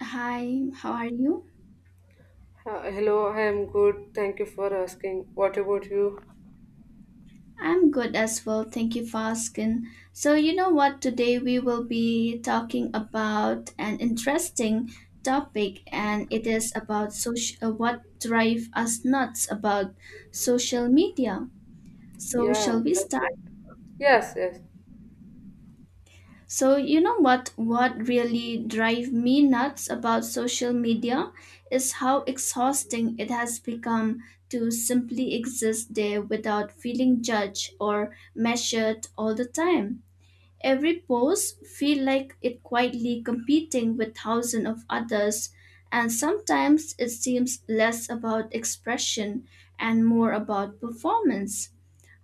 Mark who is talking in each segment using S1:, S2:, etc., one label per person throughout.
S1: Hi, how are you?
S2: Hello, I am good. Thank you for asking. What about you?
S1: I'm good as well. Thank you for asking. So, you know what? Today we will be talking about an interesting topic, and it is about what drive us nuts about social media. So,
S2: Yeah,
S1: shall we
S2: that's
S1: start?
S2: nice. Yes, yes.
S1: So you know what really drive me nuts about social media is how exhausting it has become to simply exist there without feeling judged or measured all the time. Every post feel like it quietly competing with thousands of others, and sometimes it seems less about expression and more about performance.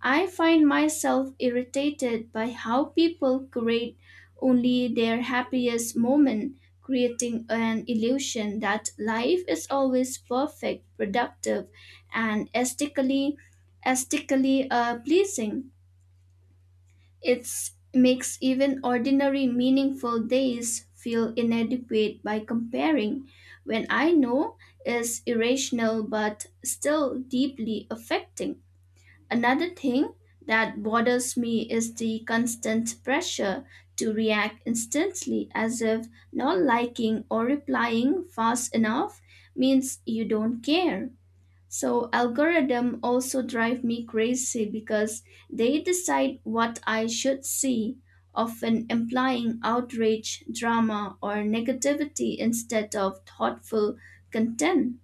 S1: I find myself irritated by how people create only their happiest moment, creating an illusion that life is always perfect, productive, and aesthetically pleasing. It makes even ordinary, meaningful days feel inadequate by comparing when I know is irrational but still deeply affecting. Another thing that bothers me is the constant pressure to react instantly, as if not liking or replying fast enough means you don't care. So algorithm also drive me crazy because they decide what I should see, often implying outrage, drama, or negativity instead of thoughtful content.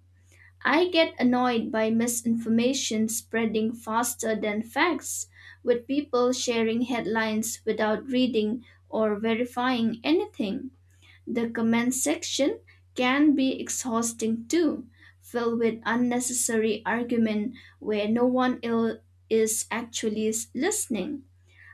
S1: I get annoyed by misinformation spreading faster than facts, with people sharing headlines without reading or verifying anything. The comment section can be exhausting too, filled with unnecessary argument where no one ill is actually listening.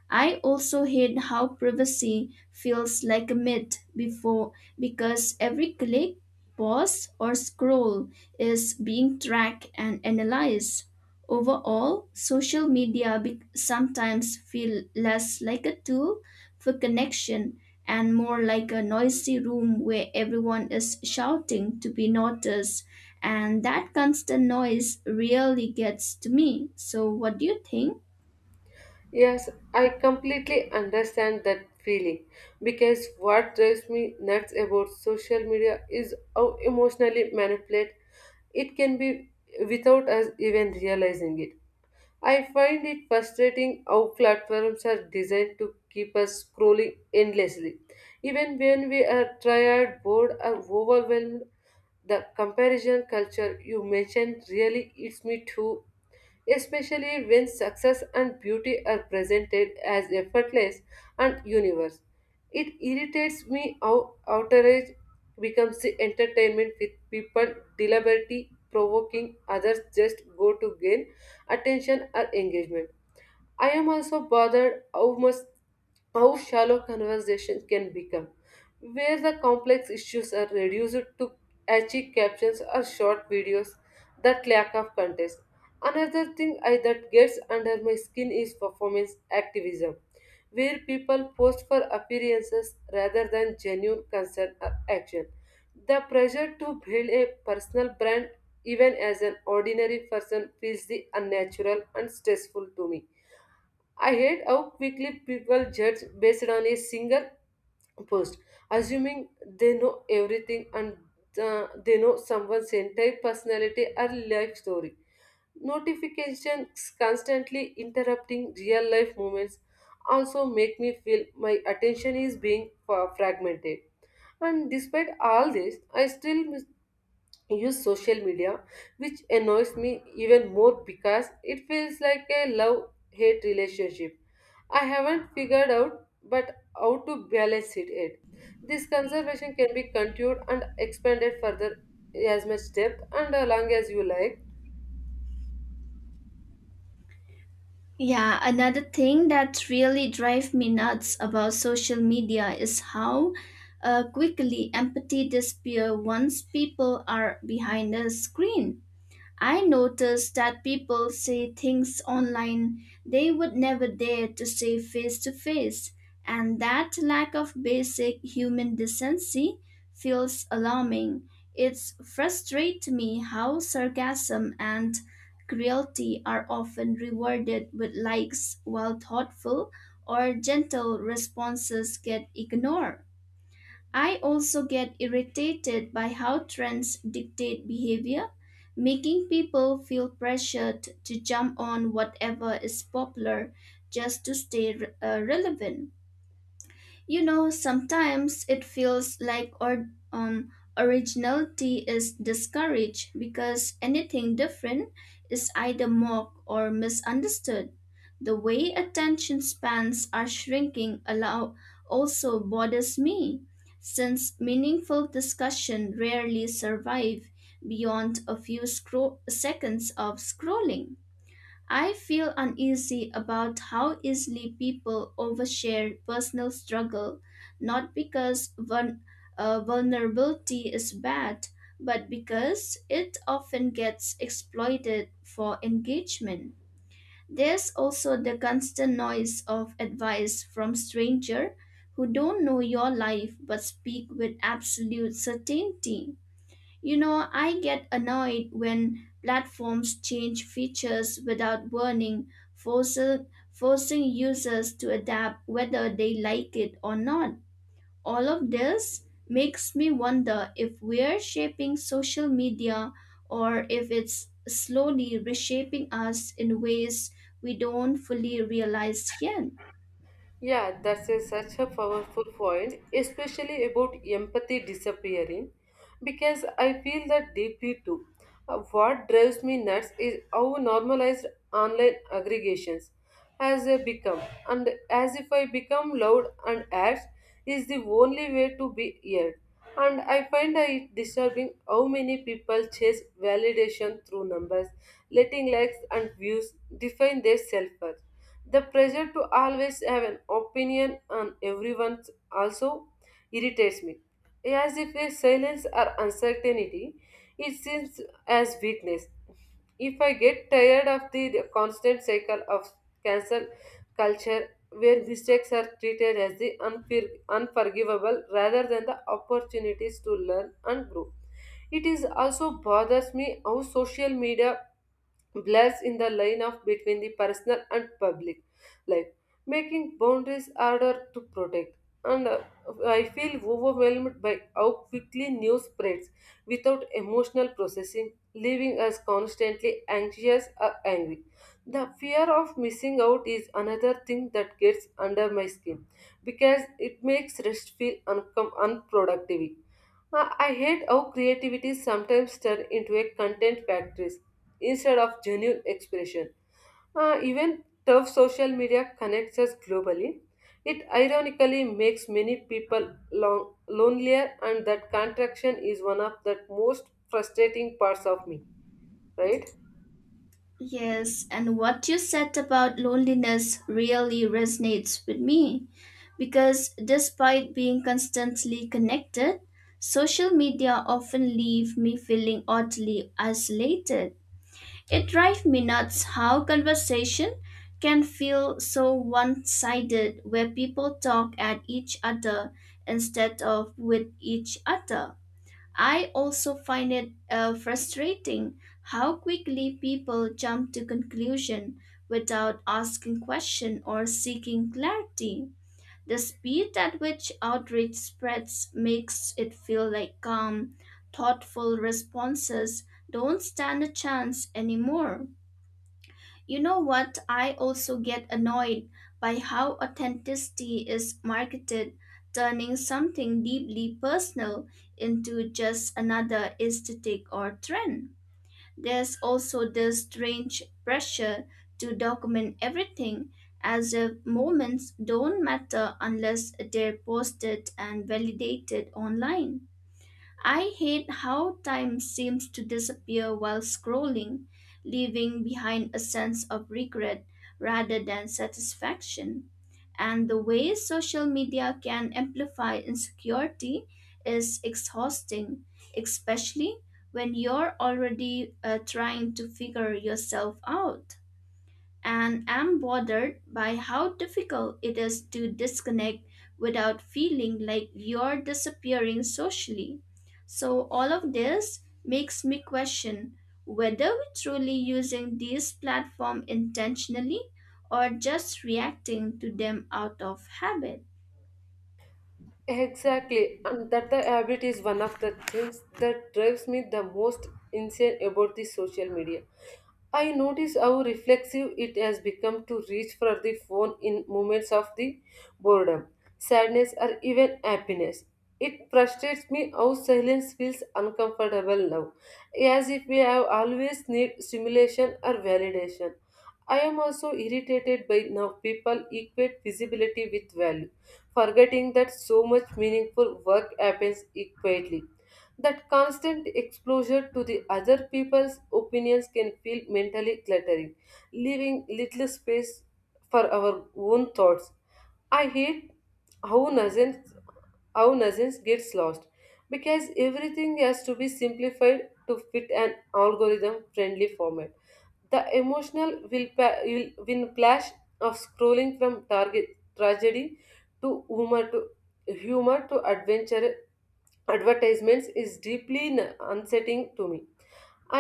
S1: I also hate how privacy feels like a myth before, because every click, pause, or scroll is being tracked and analyzed. Overall, social media sometimes feel less like a tool for connection and more like a noisy room where everyone is shouting to be noticed, and that constant noise really gets to me. So what do you think?
S2: Yes, I completely understand that feeling because what drives me nuts about social media is how emotionally manipulate it can be without us even realizing it. I find it frustrating how platforms are designed to keep us scrolling endlessly. Even when we are tired, bored, or overwhelmed, the comparison culture you mentioned really hits me too, especially when success and beauty are presented as effortless and universe. It irritates me how outrage becomes the entertainment with people deliberately provoking others just go to gain attention or engagement. I am also bothered how shallow conversations can become, where the complex issues are reduced to catchy captions or short videos that lack of context. Another thing that gets under my skin is performance activism, where people post for appearances rather than genuine concern or action. The pressure to build a personal brand, even as an ordinary person, feels the unnatural and stressful to me. I hate how quickly people judge based on a single post, assuming they know everything and they know someone's entire personality or life story. Notifications constantly interrupting real life moments also make me feel my attention is being fragmented. And despite all this, I still use social media, which annoys me even more because it feels like a love hate relationship. I haven't figured out but how to balance it yet. This conservation can be continued and expanded further as much depth and long as you like.
S1: Yeah, another thing that really drives me nuts about social media is how quickly empathy disappears once people are behind the screen. I noticed that people say things online they would never dare to say face to face, and that lack of basic human decency feels alarming. It's frustrates me how sarcasm and cruelty are often rewarded with likes, while thoughtful or gentle responses get ignored. I also get irritated by how trends dictate behavior, making people feel pressured to jump on whatever is popular just to stay relevant. You know, sometimes it feels like or originality is discouraged because anything different is either mocked or misunderstood. The way attention spans are shrinking allow also bothers me, since meaningful discussion rarely survive beyond a few seconds of scrolling. I feel uneasy about how easily people overshare personal struggle, not because vulnerability is bad, but because it often gets exploited for engagement. There's also the constant noise of advice from strangers who don't know your life but speak with absolute certainty. You know, I get annoyed when platforms change features without warning, forcing users to adapt whether they like it or not. All of this makes me wonder if we're shaping social media or if it's slowly reshaping us in ways we don't fully realize yet.
S2: Yeah, that's such a powerful point, especially about empathy disappearing, because I feel that deeply too. What drives me nuts is how normalized online aggregations has become, and as if I become loud and ads is the only way to be heard. And I find it disturbing how many people chase validation through numbers, letting likes and views define their self. The pressure to always have an opinion on everyone also irritates me, as if a silence or uncertainty it seems as weakness. If I get tired of the constant cycle of cancel culture where mistakes are treated as the unforgivable rather than the opportunities to learn and grow. It is also bothers me how social media blurs in the line of between the personal and public life, making boundaries harder to protect. And I feel overwhelmed by how quickly news spreads without emotional processing, leaving us constantly anxious or angry. The fear of missing out is another thing that gets under my skin because it makes rest feel unproductive. I hate how creativity sometimes turns into a content factory instead of genuine expression. Even tough social media connects us globally. It ironically makes many people long, lonelier, and that contraction is one of the most frustrating parts of me, right?
S1: Yes, and what you said about loneliness really resonates with me, because despite being constantly connected, social media often leave me feeling oddly isolated. It drives me nuts how conversation can feel so one-sided, where people talk at each other instead of with each other. I also find it frustrating how quickly people jump to conclusion without asking question or seeking clarity. The speed at which outreach spreads makes it feel like calm, thoughtful responses don't stand a chance anymore. You know what? I also get annoyed by how authenticity is marketed, turning something deeply personal into just another aesthetic or trend. There's also this strange pressure to document everything, as if moments don't matter unless they're posted and validated online. I hate how time seems to disappear while scrolling, leaving behind a sense of regret rather than satisfaction. And the way social media can amplify insecurity is exhausting, especially when you're already trying to figure yourself out, and am bothered by how difficult it is to disconnect without feeling like you're disappearing socially. So, all of this makes me question whether we're truly using these platforms intentionally or just reacting to them out of habit.
S2: Exactly, and that the habit is one of the things that drives me the most insane about the social media. I notice how reflexive it has become to reach for the phone in moments of the boredom, sadness, or even happiness. It frustrates me how silence feels uncomfortable now, as if we have always need stimulation or validation. I am also irritated by now people equate visibility with value, forgetting that so much meaningful work happens quietly. That constant exposure to the other people's opinions can feel mentally cluttering, leaving little space for our own thoughts. I hate how nonsense our nuisance gets lost because everything has to be simplified to fit an algorithm friendly format. The emotional will, pa- will win clash of scrolling from target tragedy to humor to adventure advertisements is deeply unsettling to me.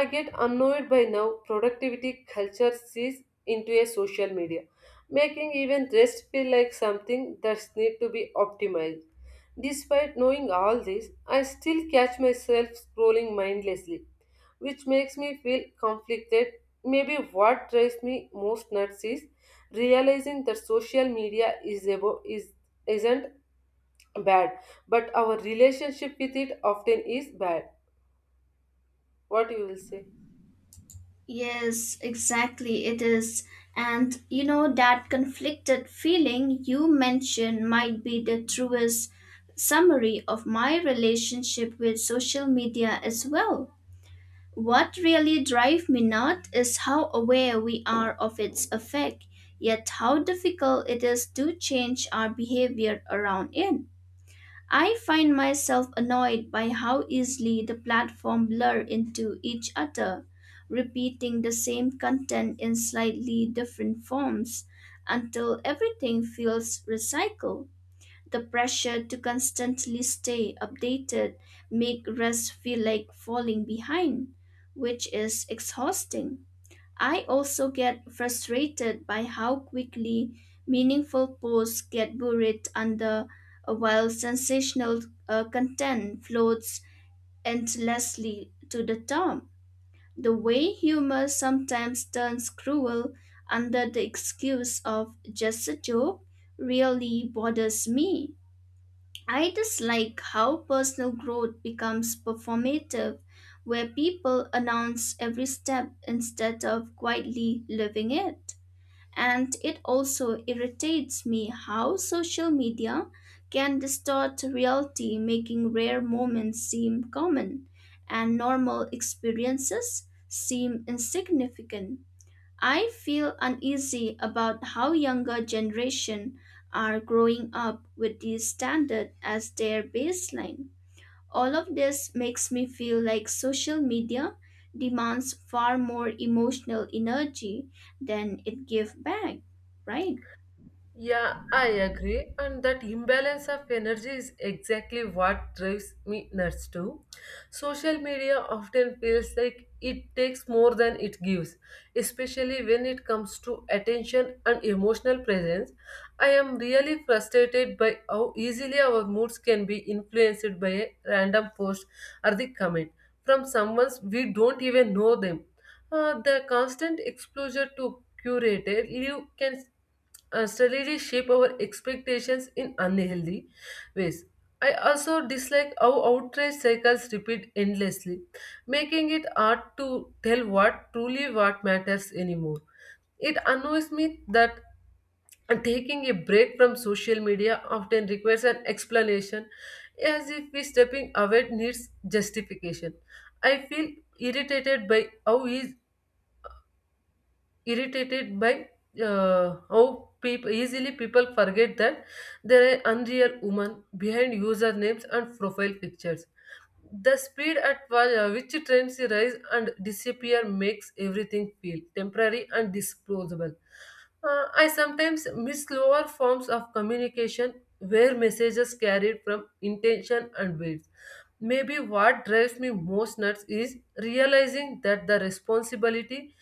S2: I get annoyed by now productivity culture sees into a social media, making even rest feel like something that's need to be optimized. Despite knowing all this, I still catch myself scrolling mindlessly, which makes me feel conflicted. Maybe what drives me most nuts is realizing that social media is abo- is isn't bad, but our relationship with it often is bad. What you will say?
S1: Yes, exactly, it is. And you know, that conflicted feeling you mentioned might be the truest summary of my relationship with social media as well. What really drives me nuts is how aware we are of its effect, yet how difficult it is to change our behavior around it. I find myself annoyed by how easily the platform blur into each other, repeating the same content in slightly different forms until everything feels recycled. The pressure to constantly stay updated make rest feel like falling behind, which is exhausting. I also get frustrated by how quickly meaningful posts get buried under while sensational content floats endlessly to the top. The way humor sometimes turns cruel under the excuse of just a joke really bothers me. I dislike how personal growth becomes performative, where people announce every step instead of quietly living it. And it also irritates me how social media can distort reality, making rare moments seem common and normal experiences seem insignificant. I feel uneasy about how younger generation are growing up with this standard as their baseline. All of this makes me feel like social media demands far more emotional energy than it gives back, right?
S2: Yeah, I agree. And that imbalance of energy is exactly what drives me nuts too. Social media often feels like it takes more than it gives, especially when it comes to attention and emotional presence. I am really frustrated by how easily our moods can be influenced by a random post or the comment from someone we don't even know them. The constant exposure to curated live can steadily shape our expectations in unhealthy ways. I also dislike how outrage cycles repeat endlessly, making it hard to tell what truly what matters anymore. It annoys me that taking a break from social media often requires an explanation, as if we stepping away needs justification. I feel irritated by how eas- irritated by how people easily people forget that there are unreal women behind usernames and profile pictures. The speed at which trends rise and disappear makes everything feel temporary and disposable. I sometimes miss lower forms of communication where messages carried from intention and weight. Maybe what drives me most nuts is realizing that the responsibility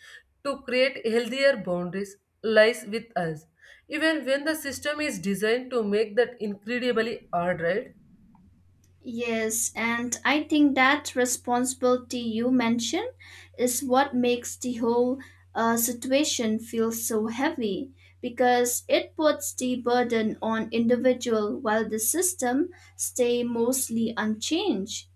S2: to create healthier boundaries lies with us, even when the system is designed to make that incredibly hard, right?
S1: Yes, and I think that responsibility you mentioned is what makes the whole situation feel so heavy, because it puts the burden on individual while the system stay mostly unchanged.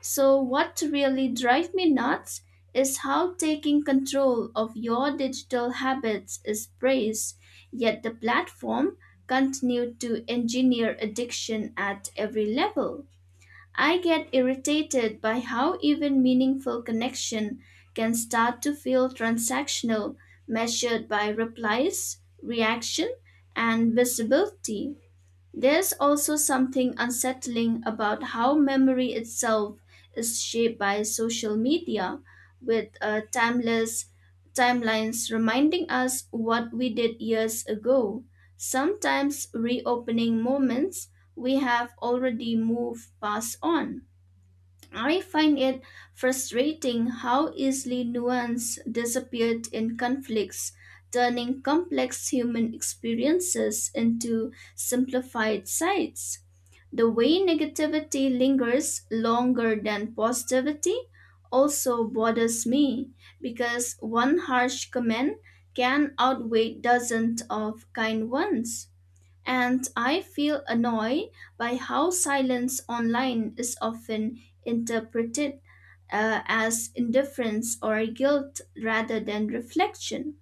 S1: So what really drives me nuts is how taking control of your digital habits is praised, yet the platform continue to engineer addiction at every level. I get irritated by how even meaningful connection can start to feel transactional, measured by replies, reaction, and visibility. There's also something unsettling about how memory itself is shaped by social media, with timeless timelines reminding us what we did years ago, sometimes reopening moments we have already moved past on. I find it frustrating how easily nuance disappeared in conflicts, turning complex human experiences into simplified sides. The way negativity lingers longer than positivity also bothers me, because one harsh comment can outweigh dozens of kind ones. And I feel annoyed by how silence online is often interpreted as indifference or guilt rather than reflection.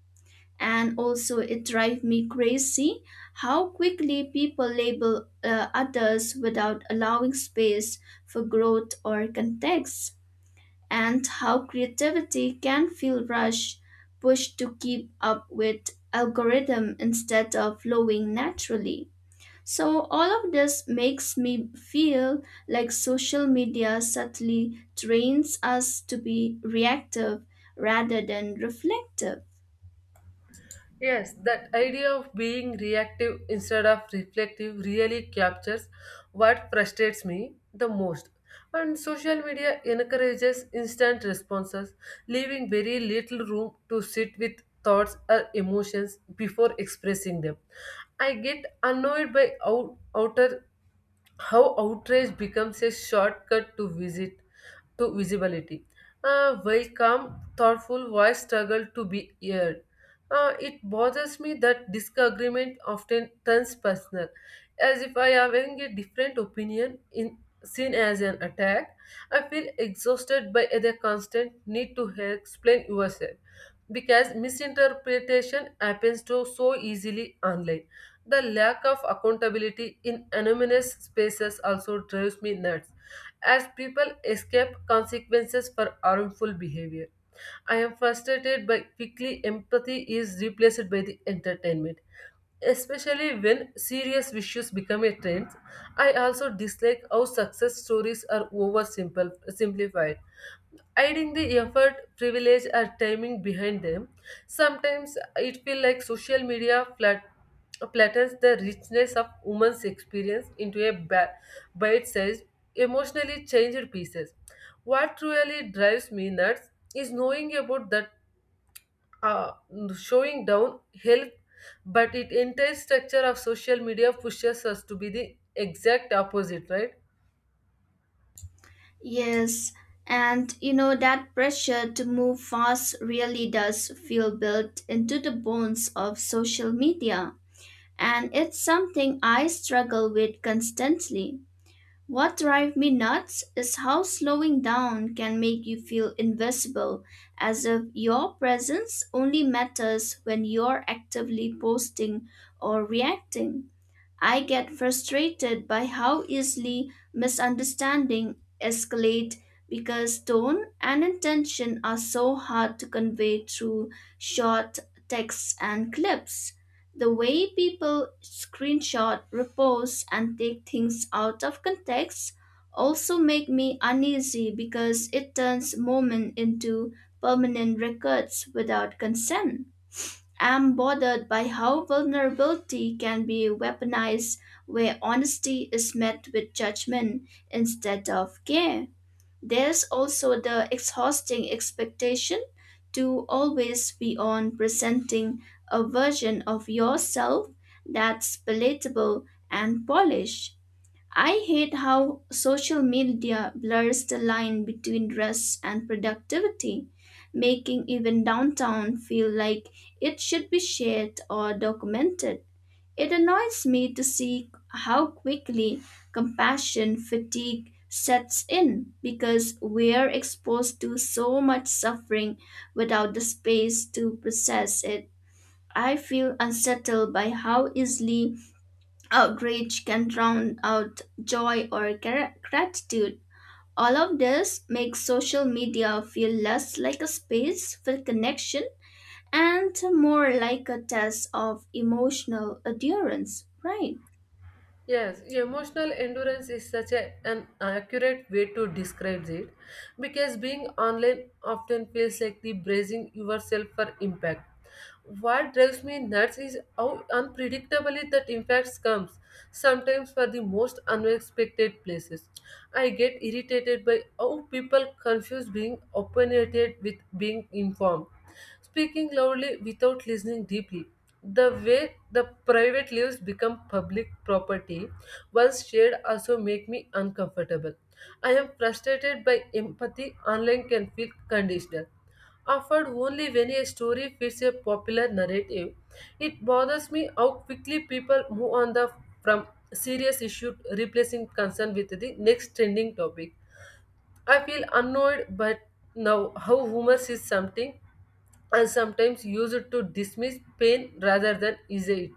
S1: And also, it drives me crazy how quickly people label others without allowing space for growth or context, and how creativity can feel rushed, pushed to keep up with algorithm instead of flowing naturally. So, all of this makes me feel like social media subtly trains us to be reactive rather than reflective.
S2: Yes, that idea of being reactive instead of reflective really captures what frustrates me the most. And social media encourages instant responses, leaving very little room to sit with thoughts or emotions before expressing them. I get annoyed by out- outer how outrage becomes a shortcut to visibility. A very calm, thoughtful voice struggle to be heard. It bothers me that disagreement often turns personal, as if I having a different opinion in seen as an attack. I feel exhausted by the constant need to explain yourself because misinterpretation happens to so easily online. The lack of accountability in anonymous spaces also drives me nuts, as people escape consequences for harmful behavior. I am frustrated by quickly empathy is replaced by the entertainment, especially when serious issues become a trend. I also dislike how success stories are oversimplified, hiding the effort privilege or timing behind them. Sometimes it feels like social media flattens the richness of women's experience into a bite-sized emotionally changed pieces. What really drives me nuts is knowing about that uh, showing down help but it entire structure of social media pushes us to be the exact opposite, right?
S1: Yes, and you know, that pressure to move fast really does feel built into the bones of social media. And it's something I struggle with constantly. What drives me nuts is how slowing down can make you feel invisible, as if your presence only matters when you're actively posting or reacting. I get frustrated by how easily misunderstanding escalate because tone and intention are so hard to convey through short texts and clips. The way people screenshot, repost, and take things out of context also make me uneasy, because it turns moment into permanent records without consent. I'm bothered by how vulnerability can be weaponized, where honesty is met with judgment instead of care. There's also the exhausting expectation to always be on, presenting a version of yourself that's palatable and polished. I hate how social media blurs the line between rest and productivity, making even downtown feel like it should be shared or documented. It annoys me to see how quickly compassion fatigue sets in, because we're exposed to so much suffering without the space to process it. I feel unsettled by how easily outrage can drown out joy or gratitude. All of this makes social media feel less like a space for connection and more like a test of emotional endurance, right?
S2: Yes, emotional endurance is such an accurate way to describe it because being online often feels like the bracing yourself for impact. What drives me nuts is how unpredictably that impact comes, sometimes for the most unexpected places. I get irritated by how people confuse being opinionated with being informed. Speaking loudly without listening deeply. The way the private lives become public property once shared also make me uncomfortable. I am frustrated by empathy online can feel conditional. Offered only when a story fits a popular narrative, it bothers me how quickly people move on the from serious issue, replacing concern with the next trending topic. I feel annoyed but now how humor is something and sometimes used to dismiss pain rather than ease it.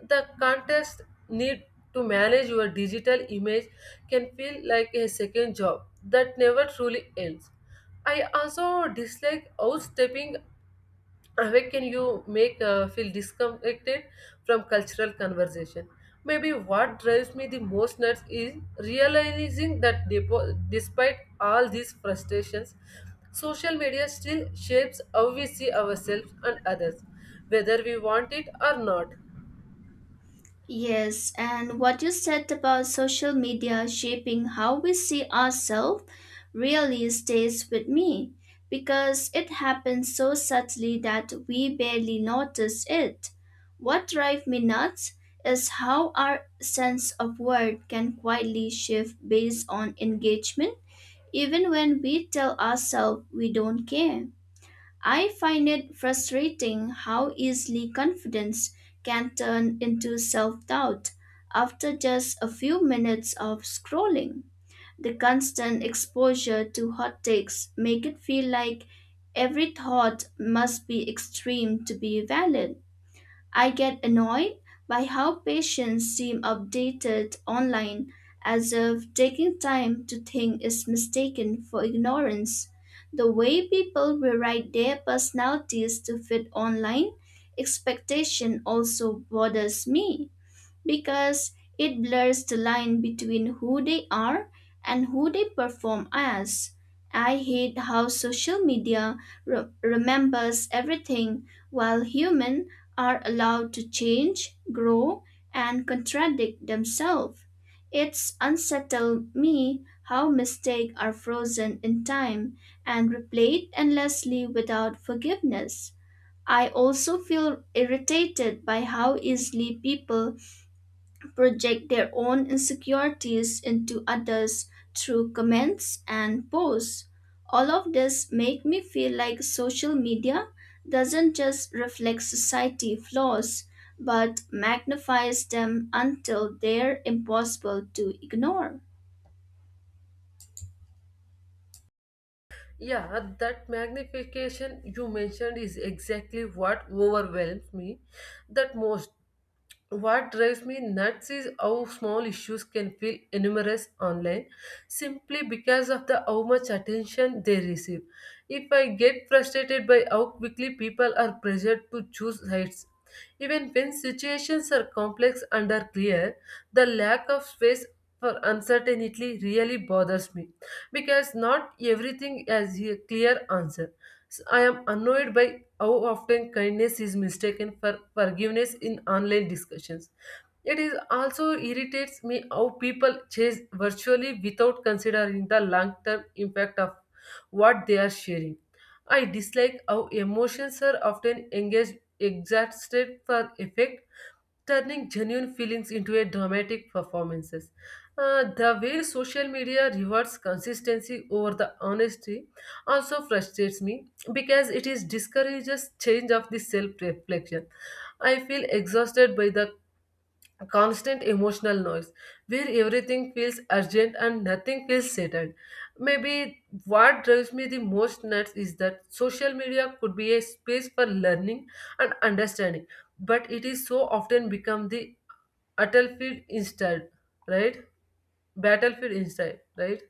S2: The contest need to manage your digital image can feel like a second job that never truly ends. I also dislike outstepping how can you make feel disconnected from cultural conversation? Maybe what drives me the most nuts is realizing that despite all these frustrations, social media still shapes how we see ourselves and others, whether we want it or not.
S1: Yes, and what you said about social media shaping how we see ourselves really stays with me, because it happens so subtly that we barely notice it. What drives me nuts is how our sense of worth can quietly shift based on engagement, even when we tell ourselves we don't care. I find it frustrating how easily confidence can turn into self doubt after just a few minutes of scrolling. The constant exposure to hot takes make it feel like every thought must be extreme to be valid. I get annoyed by how patients seem updated online, as if taking time to think is mistaken for ignorance. The way people rewrite their personalities to fit online expectation also bothers me, because it blurs the line between who they are and who they perform as. I hate how social media remembers everything while humans are allowed to change, grow, and contradict themselves. It's unsettled me how mistakes are frozen in time and replayed endlessly without forgiveness. I also feel irritated by how easily people project their own insecurities into others through comments and posts. All of this make me feel like social media doesn't just reflect society flaws but magnifies them until they're impossible to ignore.
S2: Yeah, that magnification you mentioned is exactly what overwhelms me that most. What drives me nuts is how small issues can feel enormous online simply because of the how much attention they receive. If I get frustrated by how quickly people are pressured to choose sides, even when situations are complex and are clear, the lack of space for uncertainty really bothers me because not everything has a clear answer. So I am annoyed by how often kindness is mistaken for forgiveness in online discussions. It is also irritates me how people chase virtually without considering the long-term impact of what they are sharing. I dislike how emotions are often engaged exhausted for effect, turning genuine feelings into a dramatic performances. The way social media rewards consistency over the honesty also frustrates me because it is discourages change of the self-reflection. I feel exhausted by the constant emotional noise where everything feels urgent and nothing feels settled. Maybe what drives me the most nuts is that social media could be a space for learning and understanding, but it is so often become the battlefield instead, right? Battlefield instead, right?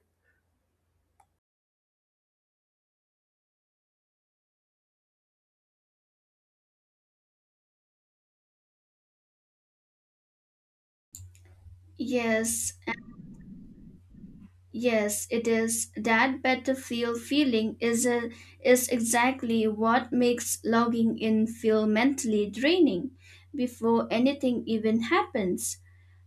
S1: Yes. Yes, it is. That battlefield feeling is exactly what makes logging in feel mentally draining before anything even happens.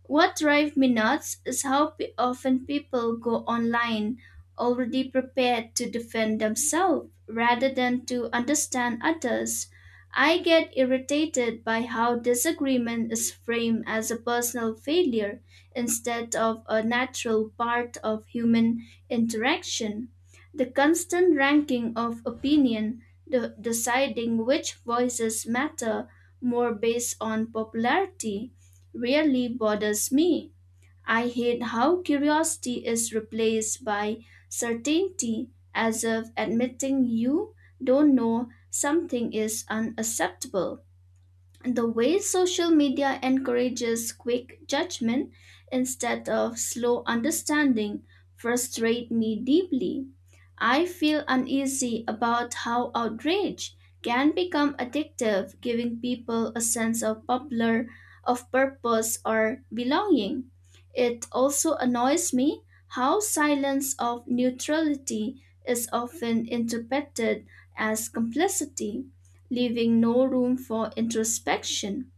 S1: What drives me nuts is how often people go online already prepared to defend themselves rather than to understand others. I get irritated by how disagreement is framed as a personal failure instead of a natural part of human interaction. The constant ranking of opinion, the deciding which voices matter more based on popularity, really bothers me. I hate how curiosity is replaced by certainty, as if admitting you don't know something is unacceptable. The way social media encourages quick judgment instead of slow understanding frustrates me deeply. I feel uneasy about how outrage can become addictive, giving people a sense of popular of purpose or belonging. It also annoys me how silence of neutrality is often interpreted as complicity, leaving no room for introspection.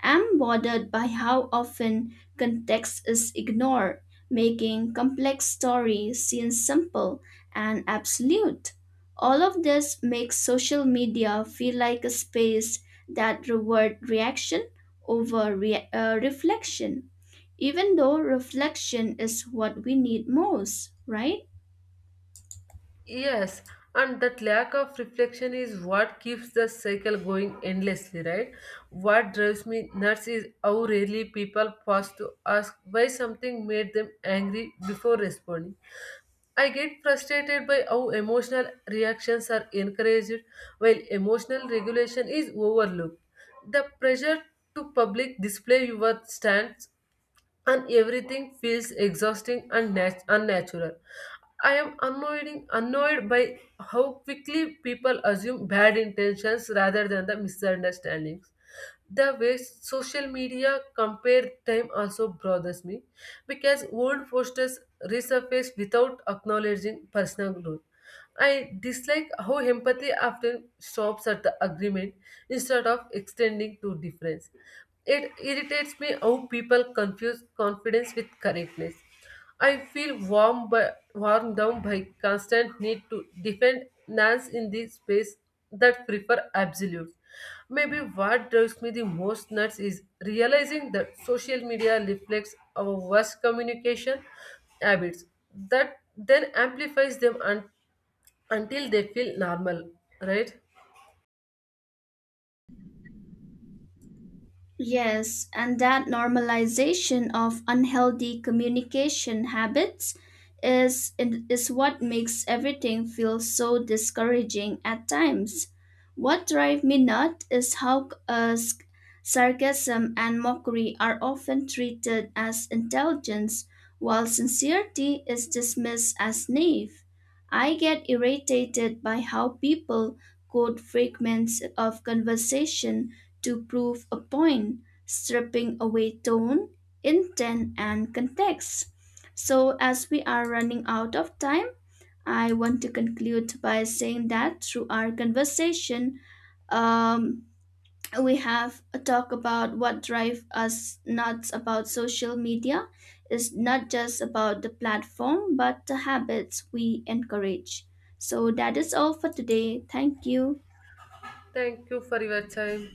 S1: I'm bothered by how often context is ignored, making complex stories seem simple and absolute. All of this makes social media feel like a space that rewards reaction over reflection, even though reflection is what we need most, right?
S2: Yes, and that lack of reflection is what keeps the cycle going endlessly, right? What drives me nuts is how rarely people pause to ask why something made them angry before responding. I get frustrated by how emotional reactions are encouraged while emotional regulation is overlooked. The pressure to public display your stance and everything feels exhausting and unnatural. I am annoyed by how quickly people assume bad intentions rather than the misunderstandings. The way social media compare time also bothers me because old posters resurface without acknowledging personal growth. I dislike how empathy often stops at the agreement instead of extending to difference. It irritates me how people confuse confidence with correctness. I feel worn down by constant need to defend Nance in the space that prefer absolutes. Maybe what drives me the most nuts is realizing that social media reflects our worst communication habits that then amplifies them until they feel normal, right?
S1: Yes, and that normalization of unhealthy communication habits is is what makes everything feel so discouraging at times. What drives me nuts is how sarcasm and mockery are often treated as intelligence, while sincerity is dismissed as naive. I get irritated by how people quote fragments of conversation to prove a point, stripping away tone, intent, and context. So, as we are running out of time, I want to conclude by saying that through our conversation, um, we have a talk about what drives us nuts about social media. It's not just about the platform, but the habits we encourage. So, that is all for today. Thank you.
S2: Thank you for your time.